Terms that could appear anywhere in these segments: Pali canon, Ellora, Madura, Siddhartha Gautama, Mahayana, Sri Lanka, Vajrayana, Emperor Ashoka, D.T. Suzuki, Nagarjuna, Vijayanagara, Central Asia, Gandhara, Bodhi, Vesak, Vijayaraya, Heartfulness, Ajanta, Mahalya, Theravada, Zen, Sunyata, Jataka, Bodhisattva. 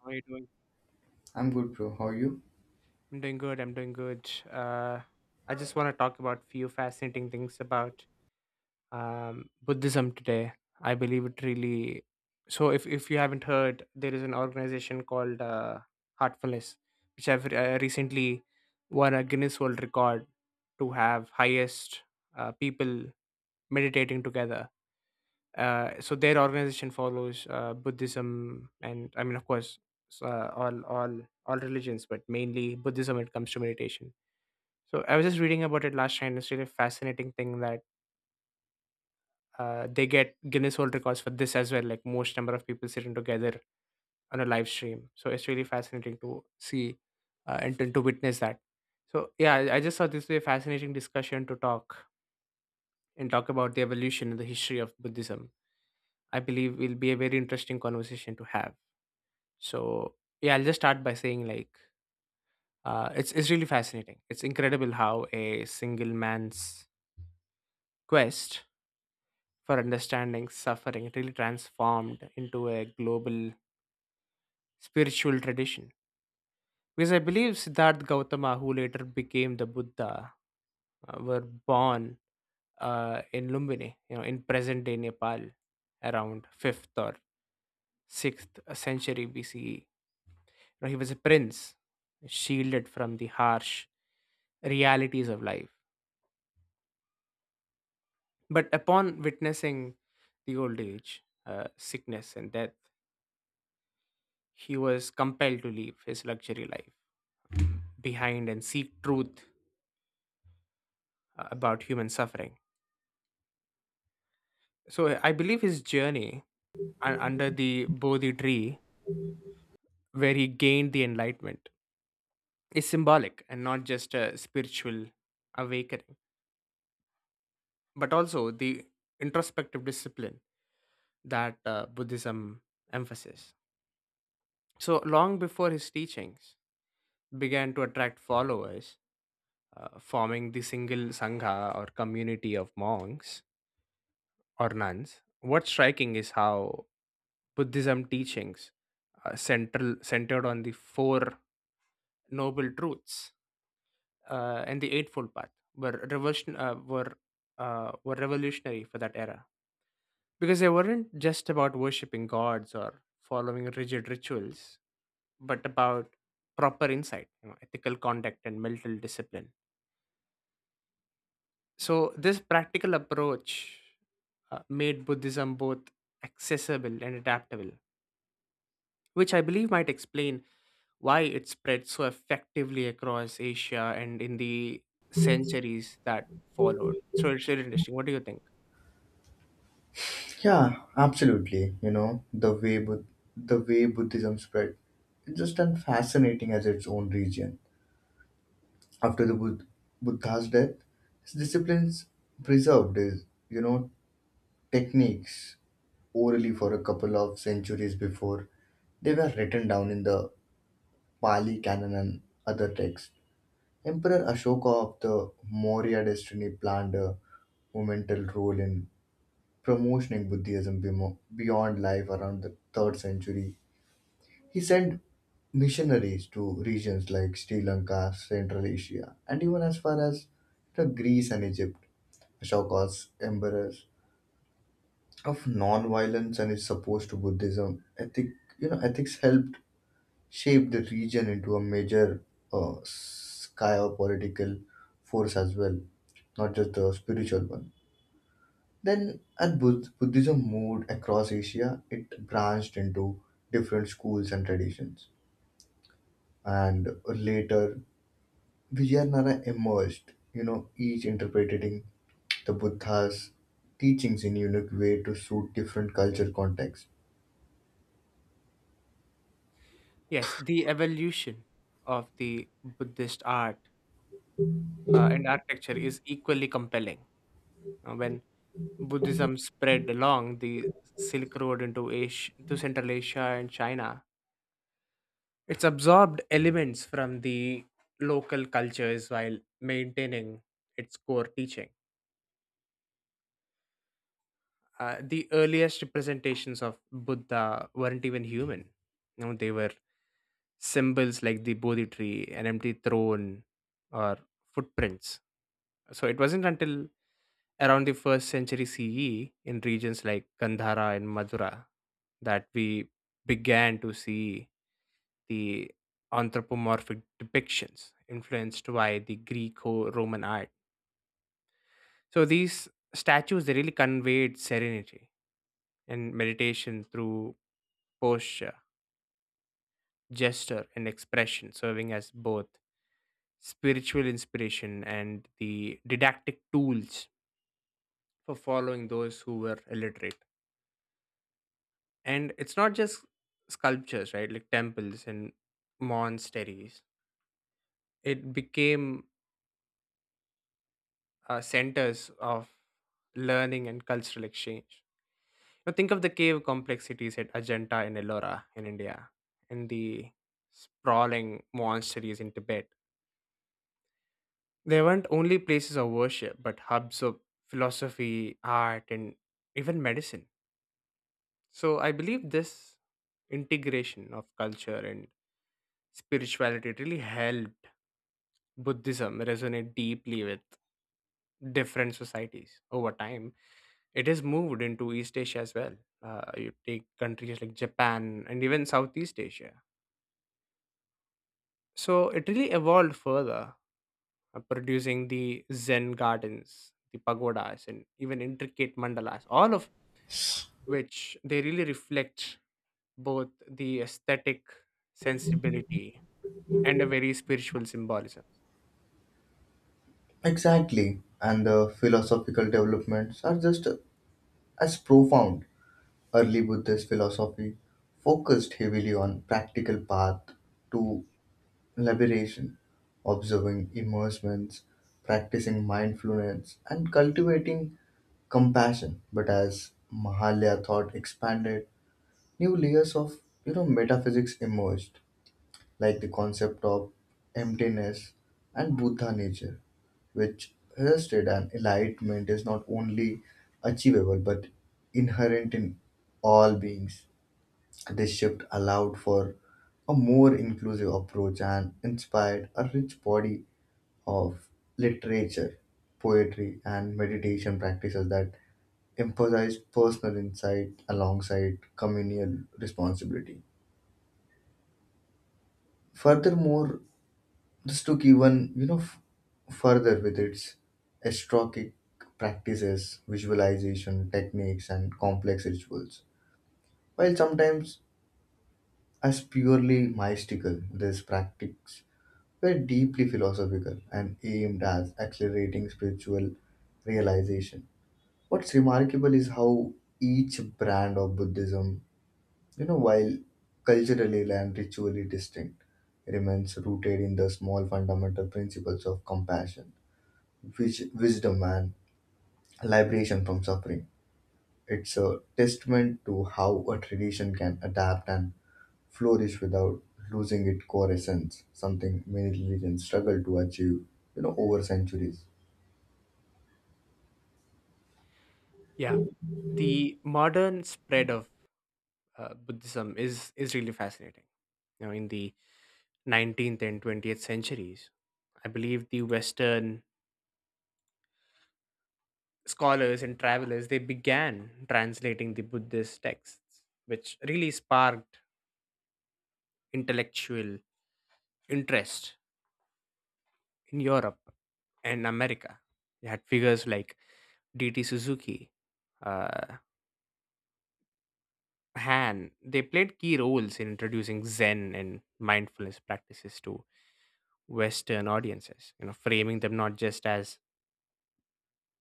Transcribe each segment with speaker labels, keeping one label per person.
Speaker 1: How are you doing?
Speaker 2: I'm good, bro. How are you?
Speaker 1: I'm doing good. I'm doing good. I just want to talk about few fascinating things about Buddhism today. I believe it really. So, if you haven't heard, there is an organization called Heartfulness, which I've recently won a Guinness World Record to have highest people meditating together. So their organization follows Buddhism, and I mean, of course, s- uh, all all all religions, but mainly Buddhism when it comes to meditation. So I was just reading about it last time. It's really a fascinating thing that they get Guinness World Records for this as well. Like most number of people sitting together on a live stream. So it's really fascinating to see and to witness that. So yeah, I just thought this was a fascinating discussion to talk and talk about the evolution and the history of Buddhism. I believe will be a very interesting conversation to have. So yeah, I'll just start by saying like it's really fascinating. It's incredible how a single man's quest for understanding suffering really transformed into a global spiritual tradition. Because I believe Siddhartha Gautama, who later became the Buddha, were born in Lumbini, you know, in present-day Nepal, around fifth or sixth century BCE. You know, he was a prince, shielded from the harsh realities of life. But upon witnessing the old age, sickness, and death, he was compelled to leave his luxury life behind and seek truth about human suffering. So I believe his journey under the Bodhi tree, where he gained the enlightenment, is symbolic and not just a spiritual awakening, but also the introspective discipline that Buddhism emphasizes. So long before his teachings began to attract followers, forming the single sangha or community of monks or nuns. What's striking is how Buddhism teachings central centered on the four noble truths and the eightfold path were revolution uh, were were revolutionary for that era because they weren't just about worshiping gods or following rigid rituals, but about proper insight, you know, ethical conduct, and mental discipline. So this practical approach made Buddhism both accessible and adaptable, which I believe might explain why it spread so effectively across Asia and in the centuries that followed. So it's really interesting. What do you think?
Speaker 2: Yeah, absolutely. You know, the way Buddhism spread, it's just as fascinating as its own region. After the Bud- Buddha's death, his disciplines preserved his, you know, techniques orally for a couple of centuries before they were written down in the Pali canon and other texts. Emperor Ashoka of the Maurya dynasty planned a monumental role in beyond life around the 3rd century. He sent missionaries to regions like Sri Lanka, Central Asia, and even as far as the Greece and Egypt. Ashoka's emperors of non-violence and his supposed to Buddhism ethic, you know, ethics helped shape the region into a major political force as well, not just the spiritual one. Then, as Buddhism moved across Asia, it branched into different schools and traditions. And later, Vijayanagara emerged, you know, each interpreting the Buddha's teachings in unique way to suit different culture context.
Speaker 1: Yes, the evolution of the Buddhist art and architecture is equally compelling. When Buddhism spread along the Silk Road into Asia, to Central Asia and China, it's absorbed elements from the local cultures while maintaining its core teaching. The earliest representations of Buddha weren't even human. You know, they were symbols like the Bodhi tree, an empty throne, or footprints. So it wasn't until around the first century CE in regions like Gandhara and Madura that we began to see the anthropomorphic depictions influenced by the Greco-Roman art. So these statues they really conveyed serenity and meditation through posture, gesture, and expression, serving as both spiritual inspiration and the didactic tools for following those who were illiterate. And it's not just sculptures, right, like temples and monasteries, it became centers of learning and cultural exchange. Now think of the cave complexities at Ajanta and Ellora in India and the sprawling monasteries in Tibet. They weren't only places of worship but hubs of philosophy, art, and even medicine. So I believe this integration of culture and spirituality really helped Buddhism resonate deeply with different societies over time. It has moved into East Asia as well. You take countries like Japan and even Southeast Asia. So it really evolved further, producing the Zen gardens, the pagodas, and even intricate mandalas, all of which they really reflect both the aesthetic sensibility and a very spiritual symbolism.
Speaker 2: Exactly. And the philosophical developments are just as profound. Early Buddhist philosophy focused heavily on practical path to Liberation, observing immersements, practicing mindfulness, and cultivating compassion. But as Mahalya thought expanded, new layers of, you know, metaphysics emerged, like the concept of emptiness and Buddha nature, which rested and enlightenment is not only achievable but inherent in all beings. This shift allowed for a more inclusive approach and inspired a rich body of literature, poetry, and meditation practices that emphasized personal insight alongside communal responsibility. Furthermore, this took, even you know further, with its astrochic practices, visualization techniques, and complex rituals. While sometimes as purely mystical, these practices were deeply philosophical and aimed at accelerating spiritual realization. What's remarkable is how each brand of Buddhism, you know, while culturally and ritually distinct, remains rooted in the small fundamental principles of compassion, wisdom, and liberation from suffering. It's a testament to how a tradition can adapt and flourish without losing its core essence, something many religions struggle to achieve, you know, over centuries.
Speaker 1: Yeah. The modern spread of Buddhism is really fascinating. You know, in the 19th and 20th centuries, I believe the Western scholars and travelers they began translating the Buddhist texts, which really sparked intellectual interest in Europe and America. You had figures like D.T. Suzuki, uh, Han. They played key roles in introducing Zen and mindfulness practices to Western audiences. You know, framing them not just as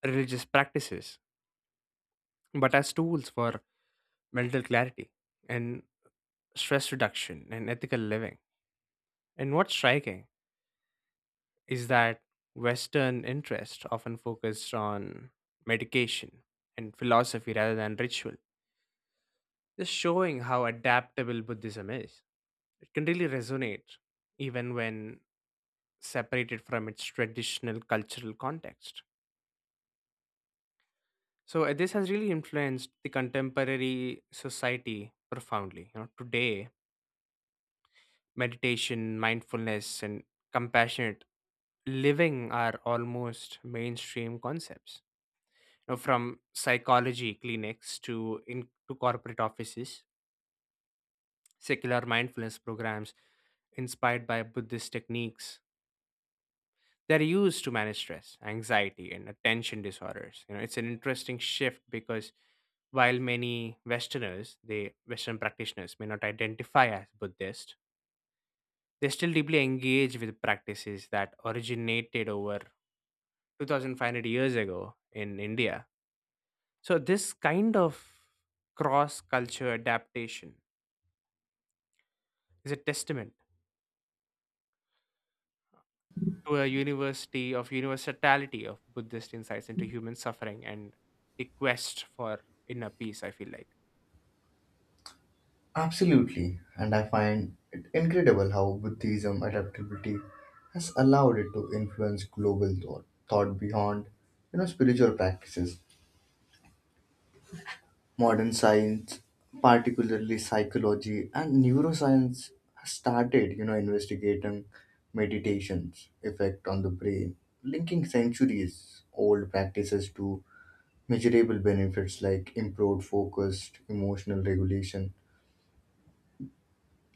Speaker 1: religious practices, but as tools for mental clarity and stress reduction and ethical living. And what's striking is that Western interest often focused on medication and philosophy rather than ritual, just showing how adaptable Buddhism is. It can really resonate even when separated from its traditional cultural context. So this has really influenced the contemporary society profoundly. You know, today meditation, mindfulness, and compassionate living are almost mainstream concepts. You know, from psychology clinics to corporate offices, secular mindfulness programs inspired by Buddhist techniques. They're used to manage stress, anxiety, and attention disorders. You know, it's an interesting shift because while many Westerners, they Western practitioners may not identify as Buddhist, they still deeply engage with practices that originated over 2,500 years ago in India. So, this kind of cross culture adaptation is a testament to a university of universality of Buddhist insights into human suffering and the quest for inner peace, I feel like.
Speaker 2: Absolutely, and I find it incredible how Buddhism adaptability has allowed it to influence global thought, thought beyond, you know, spiritual practices. Modern science, particularly psychology and neuroscience, has started, you know, investigating meditation's effect on the brain, linking centuries old practices to measurable benefits like improved focus, emotional regulation,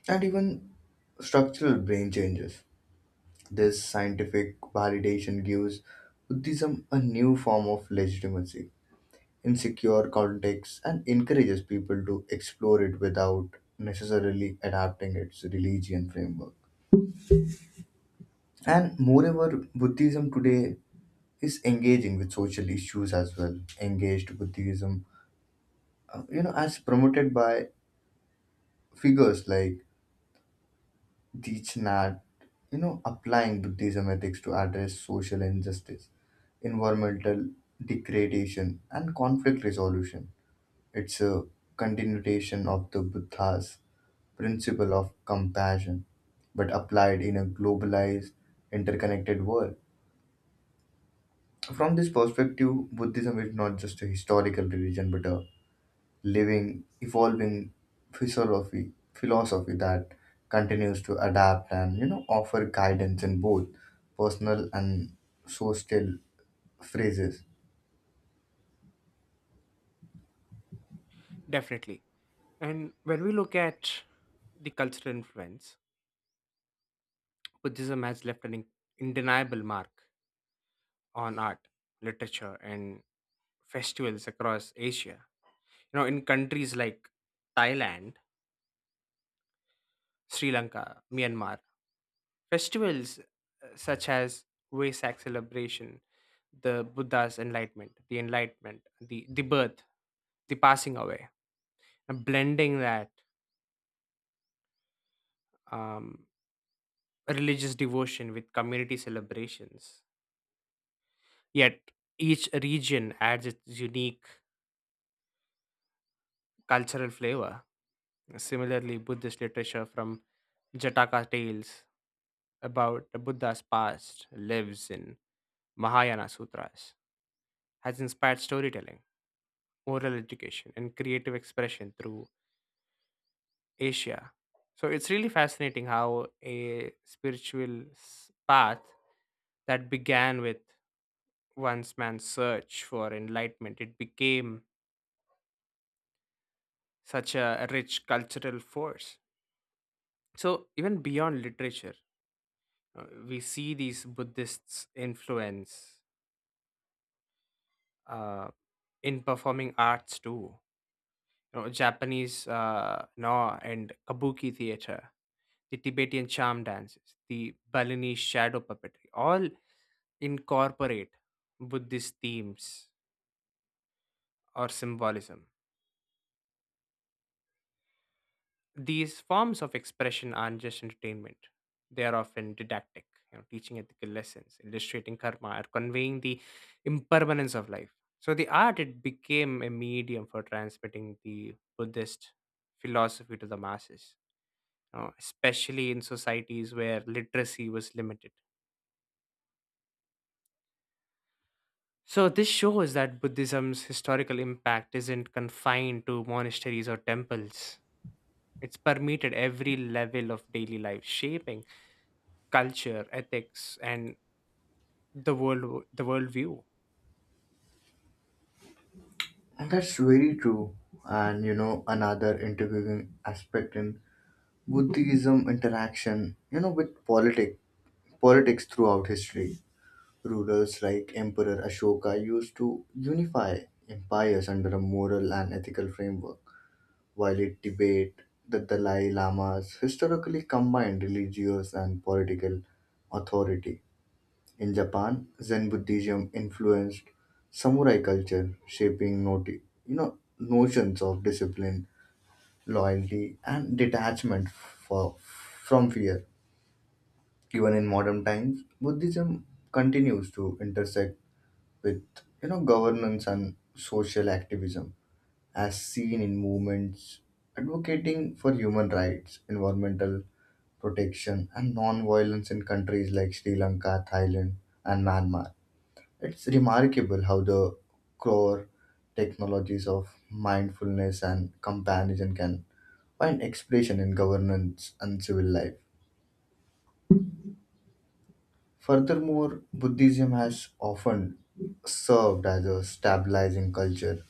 Speaker 2: and even structural brain changes. This scientific validation gives Buddhism a new form of legitimacy in secure contexts and encourages people to explore it without necessarily adapting its religion framework. And moreover, Buddhism today is engaging with social issues as well. Engaged Buddhism, you know, as promoted by figures like Deech, you know, applying Buddhism ethics to address social injustice, environmental degradation, and conflict resolution. It's a continuation of the Buddha's principle of compassion, but applied in a globalized, interconnected world. From this perspective, Buddhism is not just a historical religion but a living, evolving philosophy, philosophy that continues to adapt and, you know, offer guidance in both personal and social phrases.
Speaker 1: Definitely. And when we look at the cultural influence, Buddhism has left an undeniable mark on art, literature, and festivals across Asia. You know, in countries like Thailand, Sri Lanka, Myanmar, festivals such as Vesak celebration, the Buddha's enlightenment, the enlightenment, the birth, the passing away, and blending that um, religious devotion with community celebrations. Yet each region adds its unique cultural flavor. Similarly, Buddhist literature from Jataka tales about the Buddha's past lives in Mahayana sutras has inspired storytelling, oral education, and creative expression through Asia. So it's really fascinating how a spiritual path that began with one's man's search for enlightenment, it became such a rich cultural force. So even beyond literature, we see these Buddhists' influence uh, in performing arts too. You know, Japanese no and kabuki theater, the Tibetan charm dances, the Balinese shadow puppetry, all incorporate Buddhist themes or symbolism. These forms of expression aren't just entertainment, they are often didactic, you know, teaching ethical lessons, illustrating karma, or conveying the impermanence of life. So the art it became a medium for transmitting the Buddhist philosophy to the masses, you know, especially in societies where literacy was limited. So, this shows that Buddhism's historical impact isn't confined to monasteries or temples. It's permeated every level of daily life, shaping culture, ethics, and the worldview.
Speaker 2: And that's very true. And you know another interviewing aspect in Buddhism interaction, you know, with politics throughout history. Rulers like Emperor Ashoka used to unify empires under a moral and ethical framework while it debate the Dalai Lama's historically combined religious and political authority. In Japan, Zen Buddhism influenced samurai culture, shaping you know notions of discipline, loyalty, and detachment for, from fear. Even in modern times, Buddhism continues to intersect with, you know, governance and social activism, as seen in movements advocating for human rights, environmental protection, and non violence in countries like Sri Lanka, Thailand, and Myanmar. It's remarkable how the core technologies of mindfulness and comparison can find expression in governance and civil life. Furthermore, Buddhism has often served as a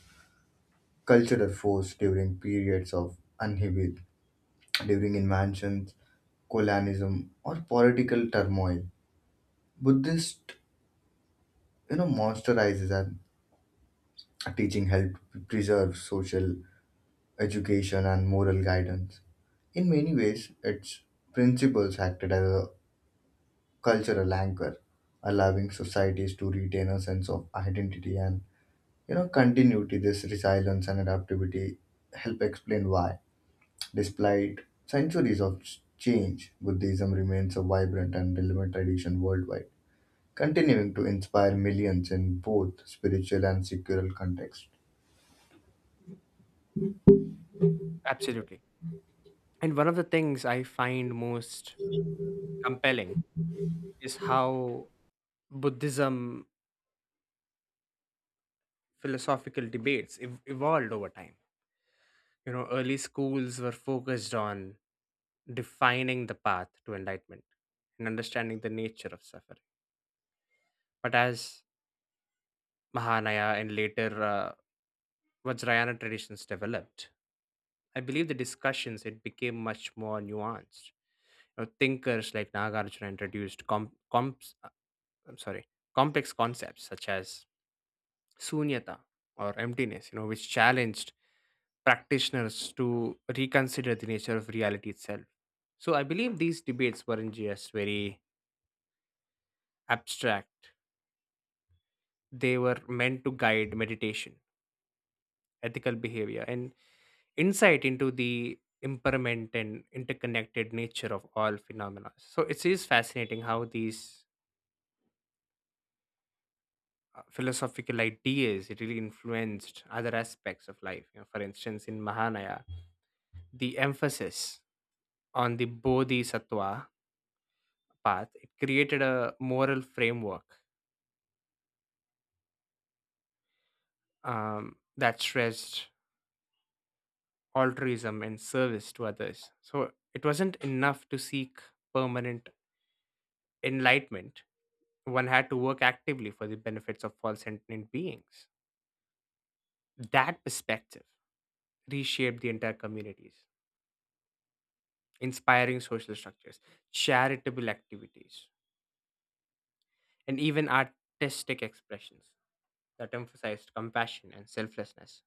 Speaker 2: cultural force during periods of upheaval, during invasions, colonialism, or political turmoil. Buddhist, you know, monsterizes and teaching helped preserve social education and moral guidance. In many ways, its principles acted as a cultural anchor, allowing societies to retain a sense of identity and, you know, continuity. This resilience and adaptability help explain why, despite centuries of change, Buddhism remains a vibrant and relevant tradition worldwide, continuing to inspire millions in both spiritual and secular contexts.
Speaker 1: Absolutely. And one of the things I find most compelling is how Buddhism philosophical debates evolved over time. You know, early schools were focused on defining the path to enlightenment and understanding the nature of suffering. But as Mahanaya and later Vajrayana traditions developed, I believe the discussions it became much more nuanced. You know, thinkers like Nagarjuna introduced I'm sorry, complex concepts such as sunyata or emptiness, you know, which challenged practitioners to reconsider the nature of reality itself. So I believe these debates weren't just very abstract; they were meant to guide meditation, ethical behavior, and insight into the impermanent and interconnected nature of all phenomena. So it is fascinating how these philosophical ideas really influenced other aspects of life. You know, for instance, in Mahanaya, the emphasis on the Bodhisattva path it created a moral framework that stressed altruism and service to others. So it wasn't enough to seek permanent enlightenment. One had to work actively for the benefits of all sentient beings. That perspective reshaped the entire communities, inspiring social structures, charitable activities, and even artistic expressions that emphasized compassion and selflessness.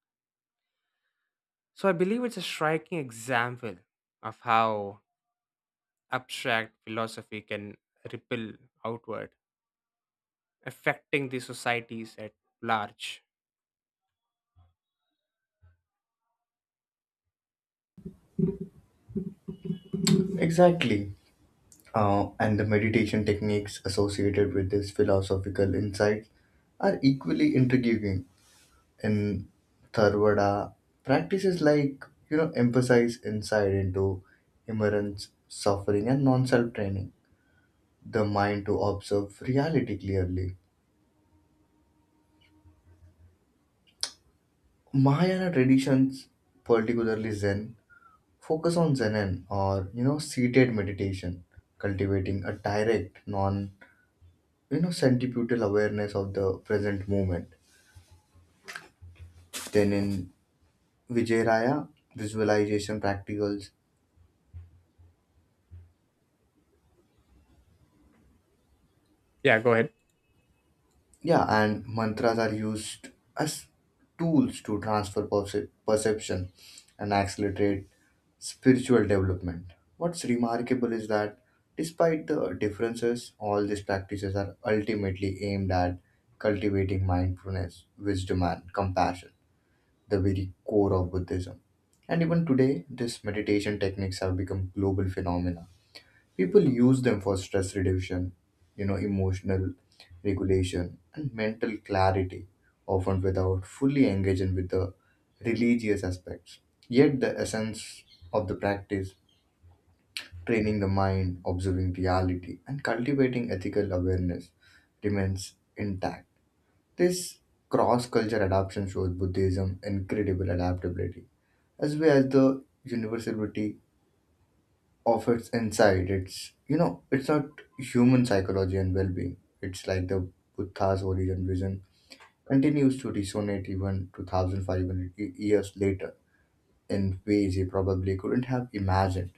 Speaker 1: So I believe it's a striking example of how abstract philosophy can ripple outward, affecting the societies at large.
Speaker 2: Exactly. And the meditation techniques associated with this philosophical insight are equally intriguing in Tharvada. Practices like, you know, emphasize insight into immerence, suffering, and non self training, the mind to observe reality clearly. Mahayana traditions, particularly Zen, focus on Zen or, you know, seated meditation, cultivating a direct, non, you know, centripetal awareness of the present moment. Then in Vijayaraya, visualization practicals,
Speaker 1: Yeah, go ahead.
Speaker 2: yeah, and mantras are used as tools to transfer perception and accelerate spiritual development. What's remarkable is that despite the differences, all these practices are ultimately aimed at cultivating mindfulness, wisdom, and compassion, the very core of Buddhism. And even today, these meditation techniques have become global phenomena. People use them for stress reduction, you know, emotional regulation, and mental clarity, often without fully engaging with the religious aspects. Yet the essence of the practice training the mind, observing reality, and cultivating ethical awareness remains intact. This cross culture adaptation shows Buddhism incredible adaptability as well as the universality of its inside. It's you know, it's not human psychology and well being. It's like the Buddha's origin vision continues to resonate even 2,500 years later in ways he probably couldn't have imagined.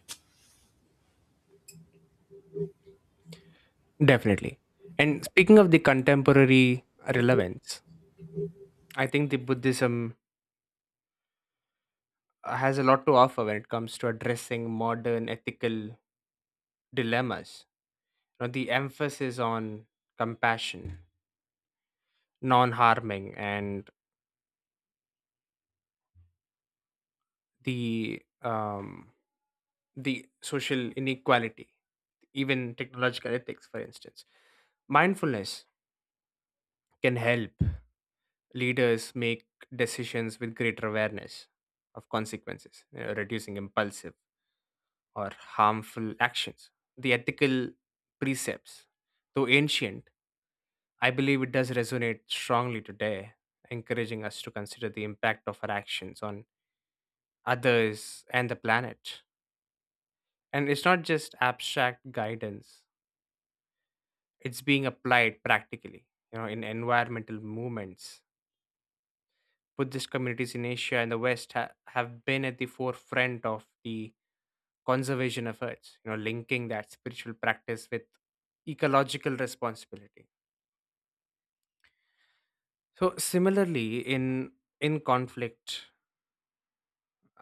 Speaker 1: Definitely. And speaking of the contemporary relevance, I think the Buddhism has a lot to offer when it comes to addressing modern ethical dilemmas. You know, the emphasis on compassion, non-harming, and the um, the social inequality, even technological ethics, for instance. Mindfulness can help leaders make decisions with greater awareness of consequences, you know, reducing impulsive or harmful actions. The ethical precepts, though ancient, I believe it does resonate strongly today, encouraging us to consider the impact of our actions on others and the planet. And it's not just abstract guidance, it's being applied practically, you know, in environmental movements. Buddhist communities in Asia and the West have been at the forefront of the conservation efforts, you know, linking that spiritual practice with ecological responsibility. So similarly, in conflict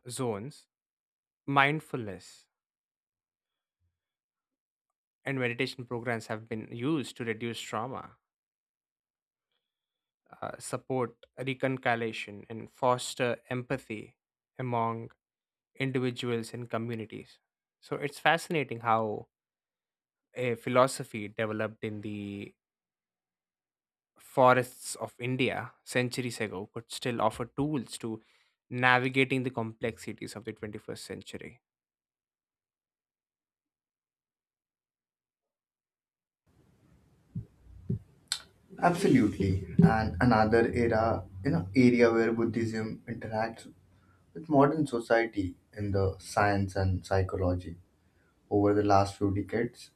Speaker 1: zones, mindfulness and meditation programs have been used to reduce trauma, support reconciliation, and foster empathy among individuals and communities. So it's fascinating how a philosophy developed in the forests of India centuries ago could still offer tools to navigating the complexities of the 21st century.
Speaker 2: Absolutely. And another era, you know, area where Buddhism interacts with modern society in the science and psychology over the last few decades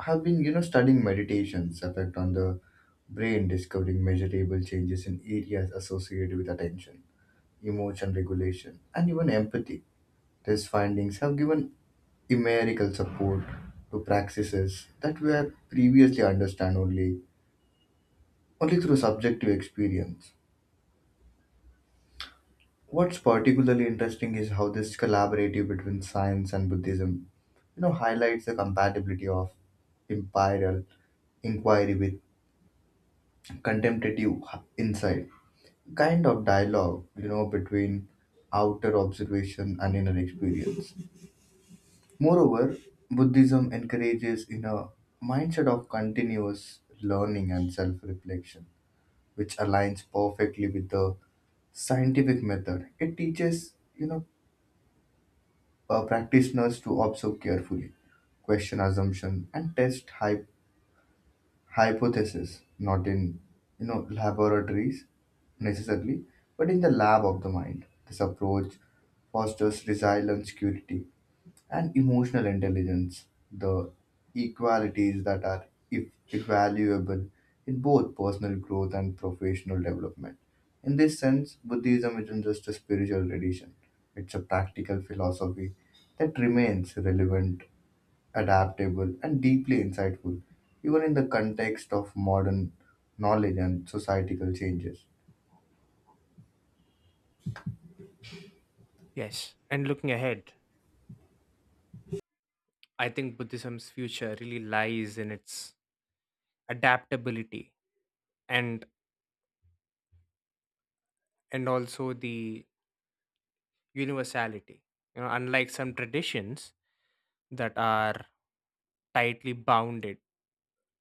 Speaker 2: have been, you know, studying meditation's effect on the brain, discovering measurable changes in areas associated with attention, emotion regulation, and even empathy. These findings have given empirical support to practices that were previously understood only through subjective experience. What's particularly interesting is how this collaborative between science and Buddhism, you know, highlights the compatibility of imperial inquiry with contemplative insight, kind of dialogue, you know, between outer observation and inner experience. Moreover, Buddhism encourages in a mindset of continuous learning and self-reflection, which aligns perfectly with the scientific method. It teaches, you know, practitioners to observe carefully, question assumption, and test hypotheses, not in, you know, laboratories necessarily, but in the lab of the mind. This approach fosters resilience, curiosity, and emotional intelligence, the equalities that are if invaluable in both personal growth and professional development. In this sense, Buddhism isn't just a spiritual tradition, it's a practical philosophy that remains relevant, adaptable, and deeply insightful, even in the context of modern knowledge and societal changes.
Speaker 1: Yes, and looking ahead, I think Buddhism's future really lies in its adaptability and and also the universality. You know, unlike some traditions that are tightly bounded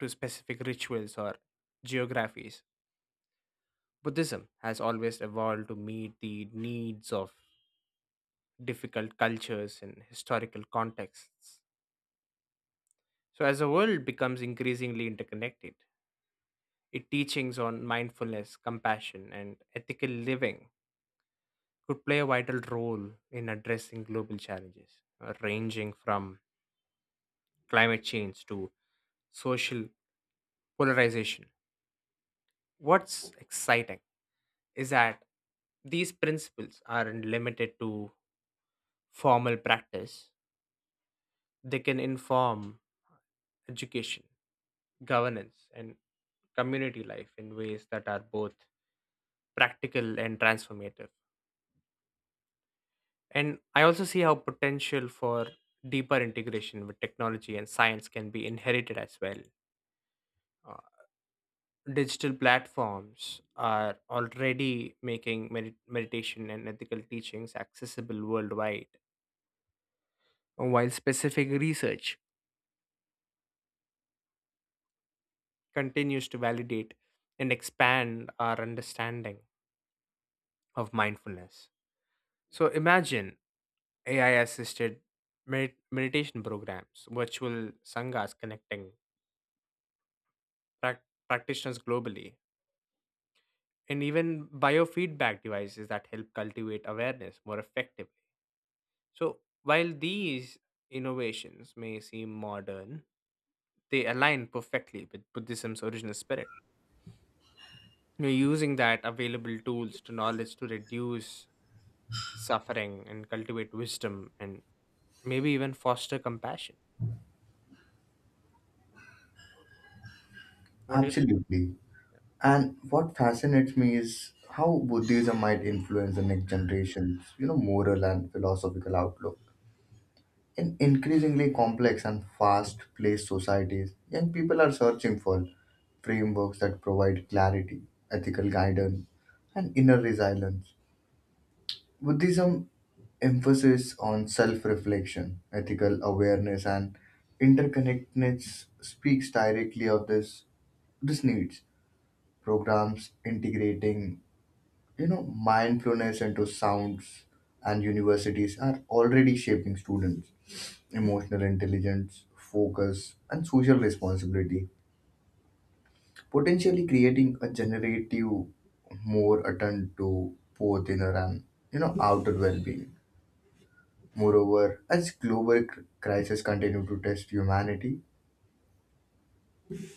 Speaker 1: to specific rituals or geographies, Buddhism has always evolved to meet the needs of difficult cultures and historical contexts. So as the world becomes increasingly interconnected, its teachings on mindfulness, compassion, and ethical living could play a vital role in addressing global challenges, ranging from climate change to social polarization. What's exciting is that these principles aren't limited to formal practice, they can inform education, governance, and community life in ways that are both practical and transformative. And I also see how potential for deeper integration with technology and science can be inherited as well. Uh, digital platforms are already making meditation and ethical teachings accessible worldwide, while specific research continues to validate and expand our understanding of mindfulness. So imagine AI assisted meditation programs, virtual sanghas connecting prac practitioners globally and even biofeedback devices that help cultivate awareness more effectively. So, while these innovations may seem modern, they align perfectly with Buddhism's original spirit. You're using that available tools to knowledge to reduce suffering and cultivate wisdom and maybe even foster compassion. What do you think?
Speaker 2: Absolutely.
Speaker 1: Yeah.
Speaker 2: And what fascinates me is how Buddhism might influence the next generation's, you know, moral and philosophical outlook. In increasingly complex and fast-paced societies, young people are searching for frameworks that provide clarity, ethical guidance, and inner resilience. Buddhism emphasis on self-reflection, ethical awareness, and interconnectedness speaks directly of this these needs. Programs integrating, you know, mindfulness into sounds and universities are already shaping students emotional intelligence focus and social responsibility, potentially creating a generative more attend to both inner and, you know, outer well-being. Moreover, as global crises continue to test humanity,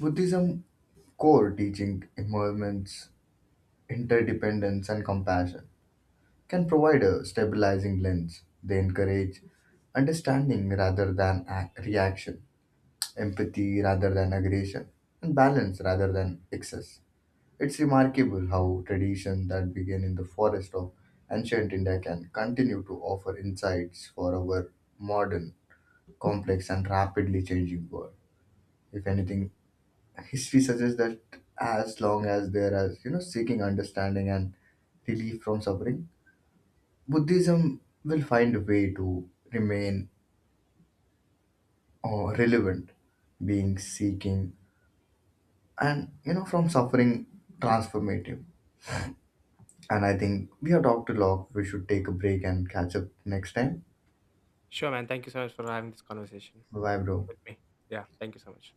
Speaker 2: buddhism core teaching immersions, interdependence, and compassion can provide a stabilizing lens. They encourage understanding rather than reaction, empathy rather than aggression, and balance rather than excess. It's remarkable how traditions that began in the forest of ancient India can continue to offer insights for our modern, complex, and rapidly changing world. If anything, history suggests that as long as there is, you know, seeking understanding and relief from suffering, Buddhism will find a way to remain relevant, being seeking, and, you know, from suffering transformative. And I think we have talked a lot. We should take a break and catch up next time.
Speaker 1: Sure, man. Thank you so much for having this conversation
Speaker 2: Bye, bro.
Speaker 1: with me. Yeah, thank you so much.